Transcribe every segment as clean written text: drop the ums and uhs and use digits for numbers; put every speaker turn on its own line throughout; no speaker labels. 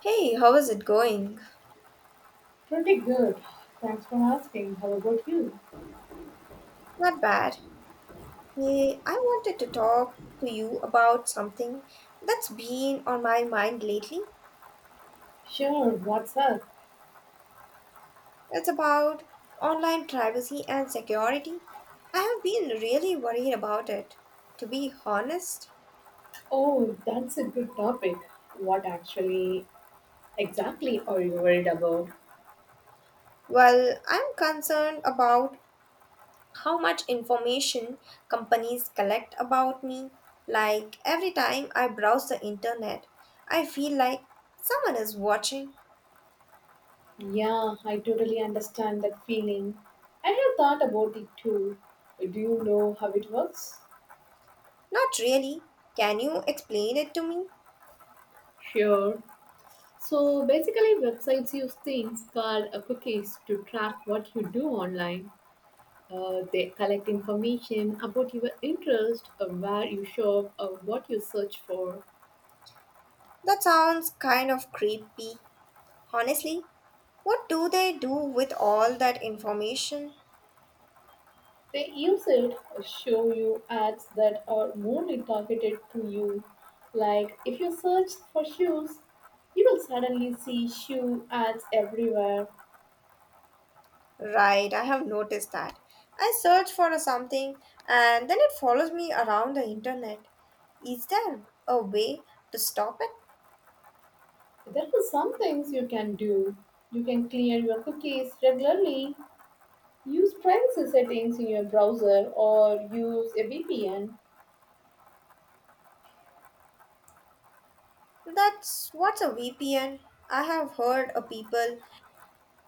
Hey, how is it going?
Pretty good. Thanks for asking. How about you?
Not bad. Hey, I wanted to talk to you about something that's been on my mind lately.
Sure, what's up?
It's about online privacy and security. I have been really worried about it, to be honest.
Oh, that's a good topic. What actually exactly are you worried about?
Well, I'm concerned about how much information companies collect about me. Like every time I browse the internet, I feel like someone is watching.
Yeah, I totally understand that feeling. I have thought about it too. Do you know how it works?
Not really. Can you explain it to me?
Sure. So basically, websites use things called cookies to track what you do online. They collect information about your interest, where you shop, or what you search for.
That sounds kind of creepy. Honestly, what do they do with all that information?
They use it to show you ads that are only targeted to you. Like if you search for shoes, you will suddenly see shoe ads everywhere.
Right, I have noticed that. I search for something and then it follows me around the internet. Is there a way to stop it?
There are some things you can do. You can clear your cookies regularly, use privacy settings in your browser, or use a VPN.
That's what's a VPN. I have heard a people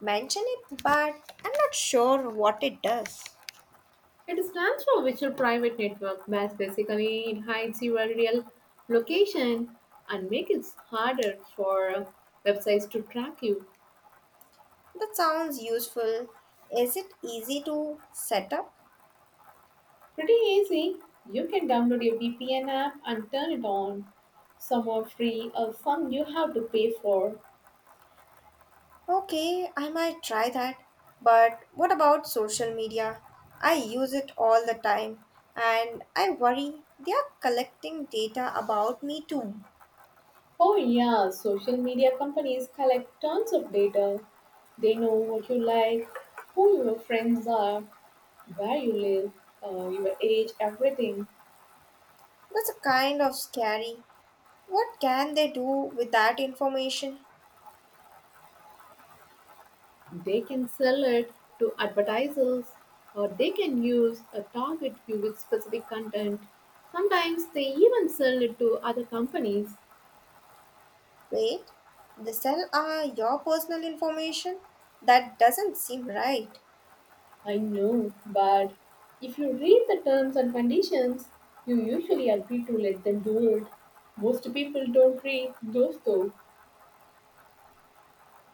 mention it, but I'm not sure what it does.
It stands for Virtual Private Network, but basically it hides your real location and makes it harder for websites to track you.
That sounds useful. Is it easy to set up?
Pretty easy. You can download your VPN app and turn it on. Some are free, or some you have to pay for.
Okay, I might try that. But what about social media? I use it all the time and I worry they are collecting data about me too.
Oh, yeah, social media companies collect tons of data. They know what you like, who your friends are, where you live, your age, everything.
That's a kind of scary. What can they do with that information?
They can sell it to advertisers or they can use a target you with specific content. Sometimes they even sell it to other companies.
Wait, they sell your personal information? That doesn't seem right.
I know, but if you read the terms and conditions, you usually agree to let them do it. Most people don't read those though.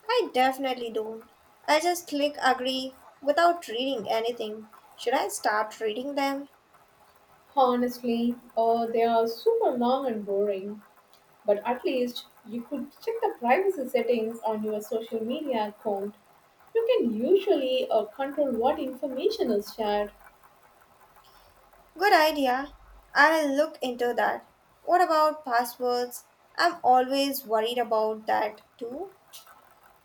I definitely don't. I just click agree without reading anything. Should I start reading them?
Honestly, they are super long and boring. But at least you could check the privacy settings on your social media account. You can usually control what information is shared.
Good idea. I'll look into that. What about passwords? I'm always worried about that too.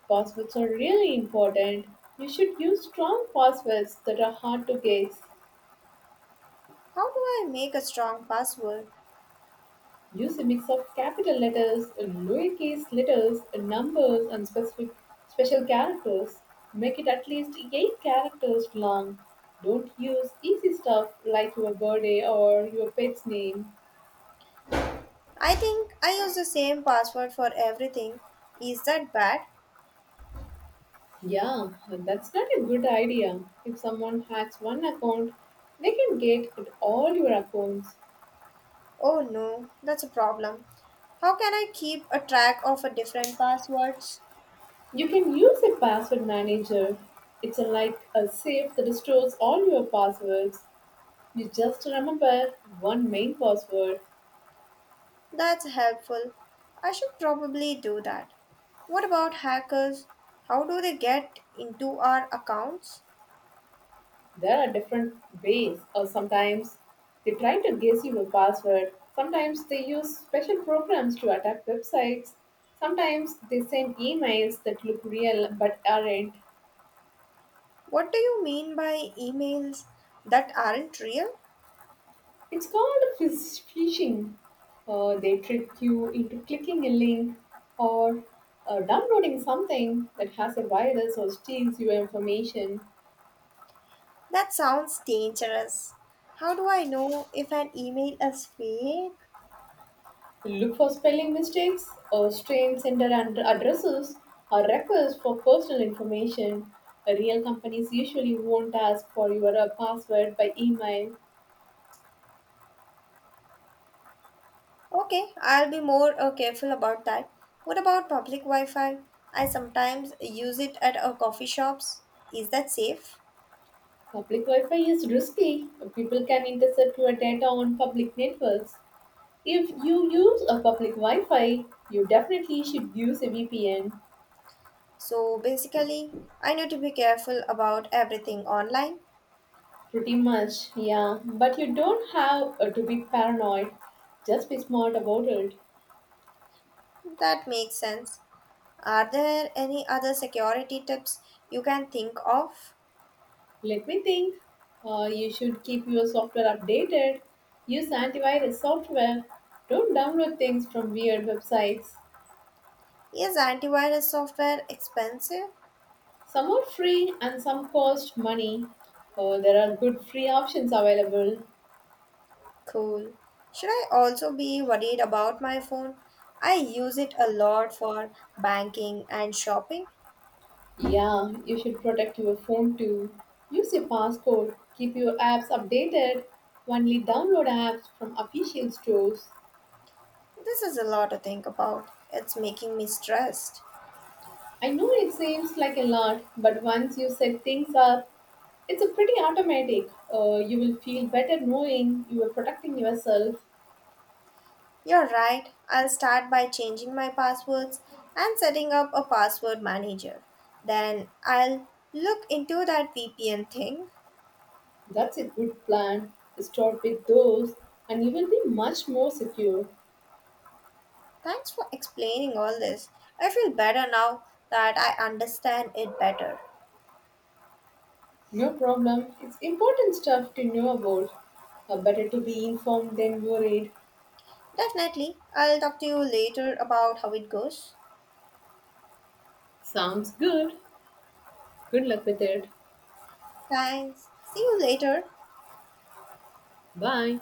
Passwords are really important. You should use strong passwords that are hard to guess.
How do I make a strong password?
Use a mix of capital letters, lowercase letters, numbers, and specific special characters. Make it at least 8 characters long. Don't use easy stuff like your birthday or your pet's name.
I think I use the same password for everything. Is that bad?
Yeah, that's not a good idea. If someone hacks one account, they can get at all your accounts.
Oh no, that's a problem. How can I keep a track of a different passwords?
You can use a password manager. It's like a safe that stores all your passwords. You just remember one main password.
That's helpful. I should probably do that. What about hackers? How do they get into our accounts?
There are different ways, or sometimes they try to guess your password. Sometimes they use special programs to attack websites. Sometimes they send emails that look real but aren't.
What do you mean by emails that aren't real?
It's called phishing. They trick you into clicking a link or downloading something that has a virus or steals your information.
That sounds dangerous. How do I know if an email is fake?
Look for spelling mistakes or strange sender and addresses or requests for personal information. Real companies usually won't ask for your password by email.
Okay, I'll be more careful about that. What about public Wi Fi? I sometimes use it at our coffee shops. Is that safe?
Public Wi Fi is risky. People can intercept your data on public networks. If you use a public Wi Fi, you definitely should use a VPN.
So basically, I need to be careful about everything online.
Pretty much, yeah. But you don't have to be paranoid. Just be smart about it.
That makes sense. Are there any other security tips you can think of?
Let me think. You should keep your software updated. Use antivirus software. Don't download things from weird websites.
Is antivirus software expensive?
Some are free and some cost money. Oh, there are good free options available.
Cool. Should I also be worried about my phone? I use it a lot for banking and shopping.
Yeah, you should protect your phone too. Use your passcode. Keep your apps updated. Only download apps from official stores.
This is a lot to think about. It's making me stressed.
I know it seems like a lot, but once you set things up, it's a pretty automatic. You will feel better knowing you are protecting yourself.
You're right. I'll start by changing my passwords and setting up a password manager. Then I'll look into that VPN thing.
That's a good plan. Start with those, and you will be much more secure.
Thanks for explaining all this. I feel better now that I understand it better.
No problem. It's important stuff to know about. Better to be informed than worried.
Definitely. I'll talk to you later about how it goes.
Sounds good. Good luck with it.
Thanks. See you later.
Bye.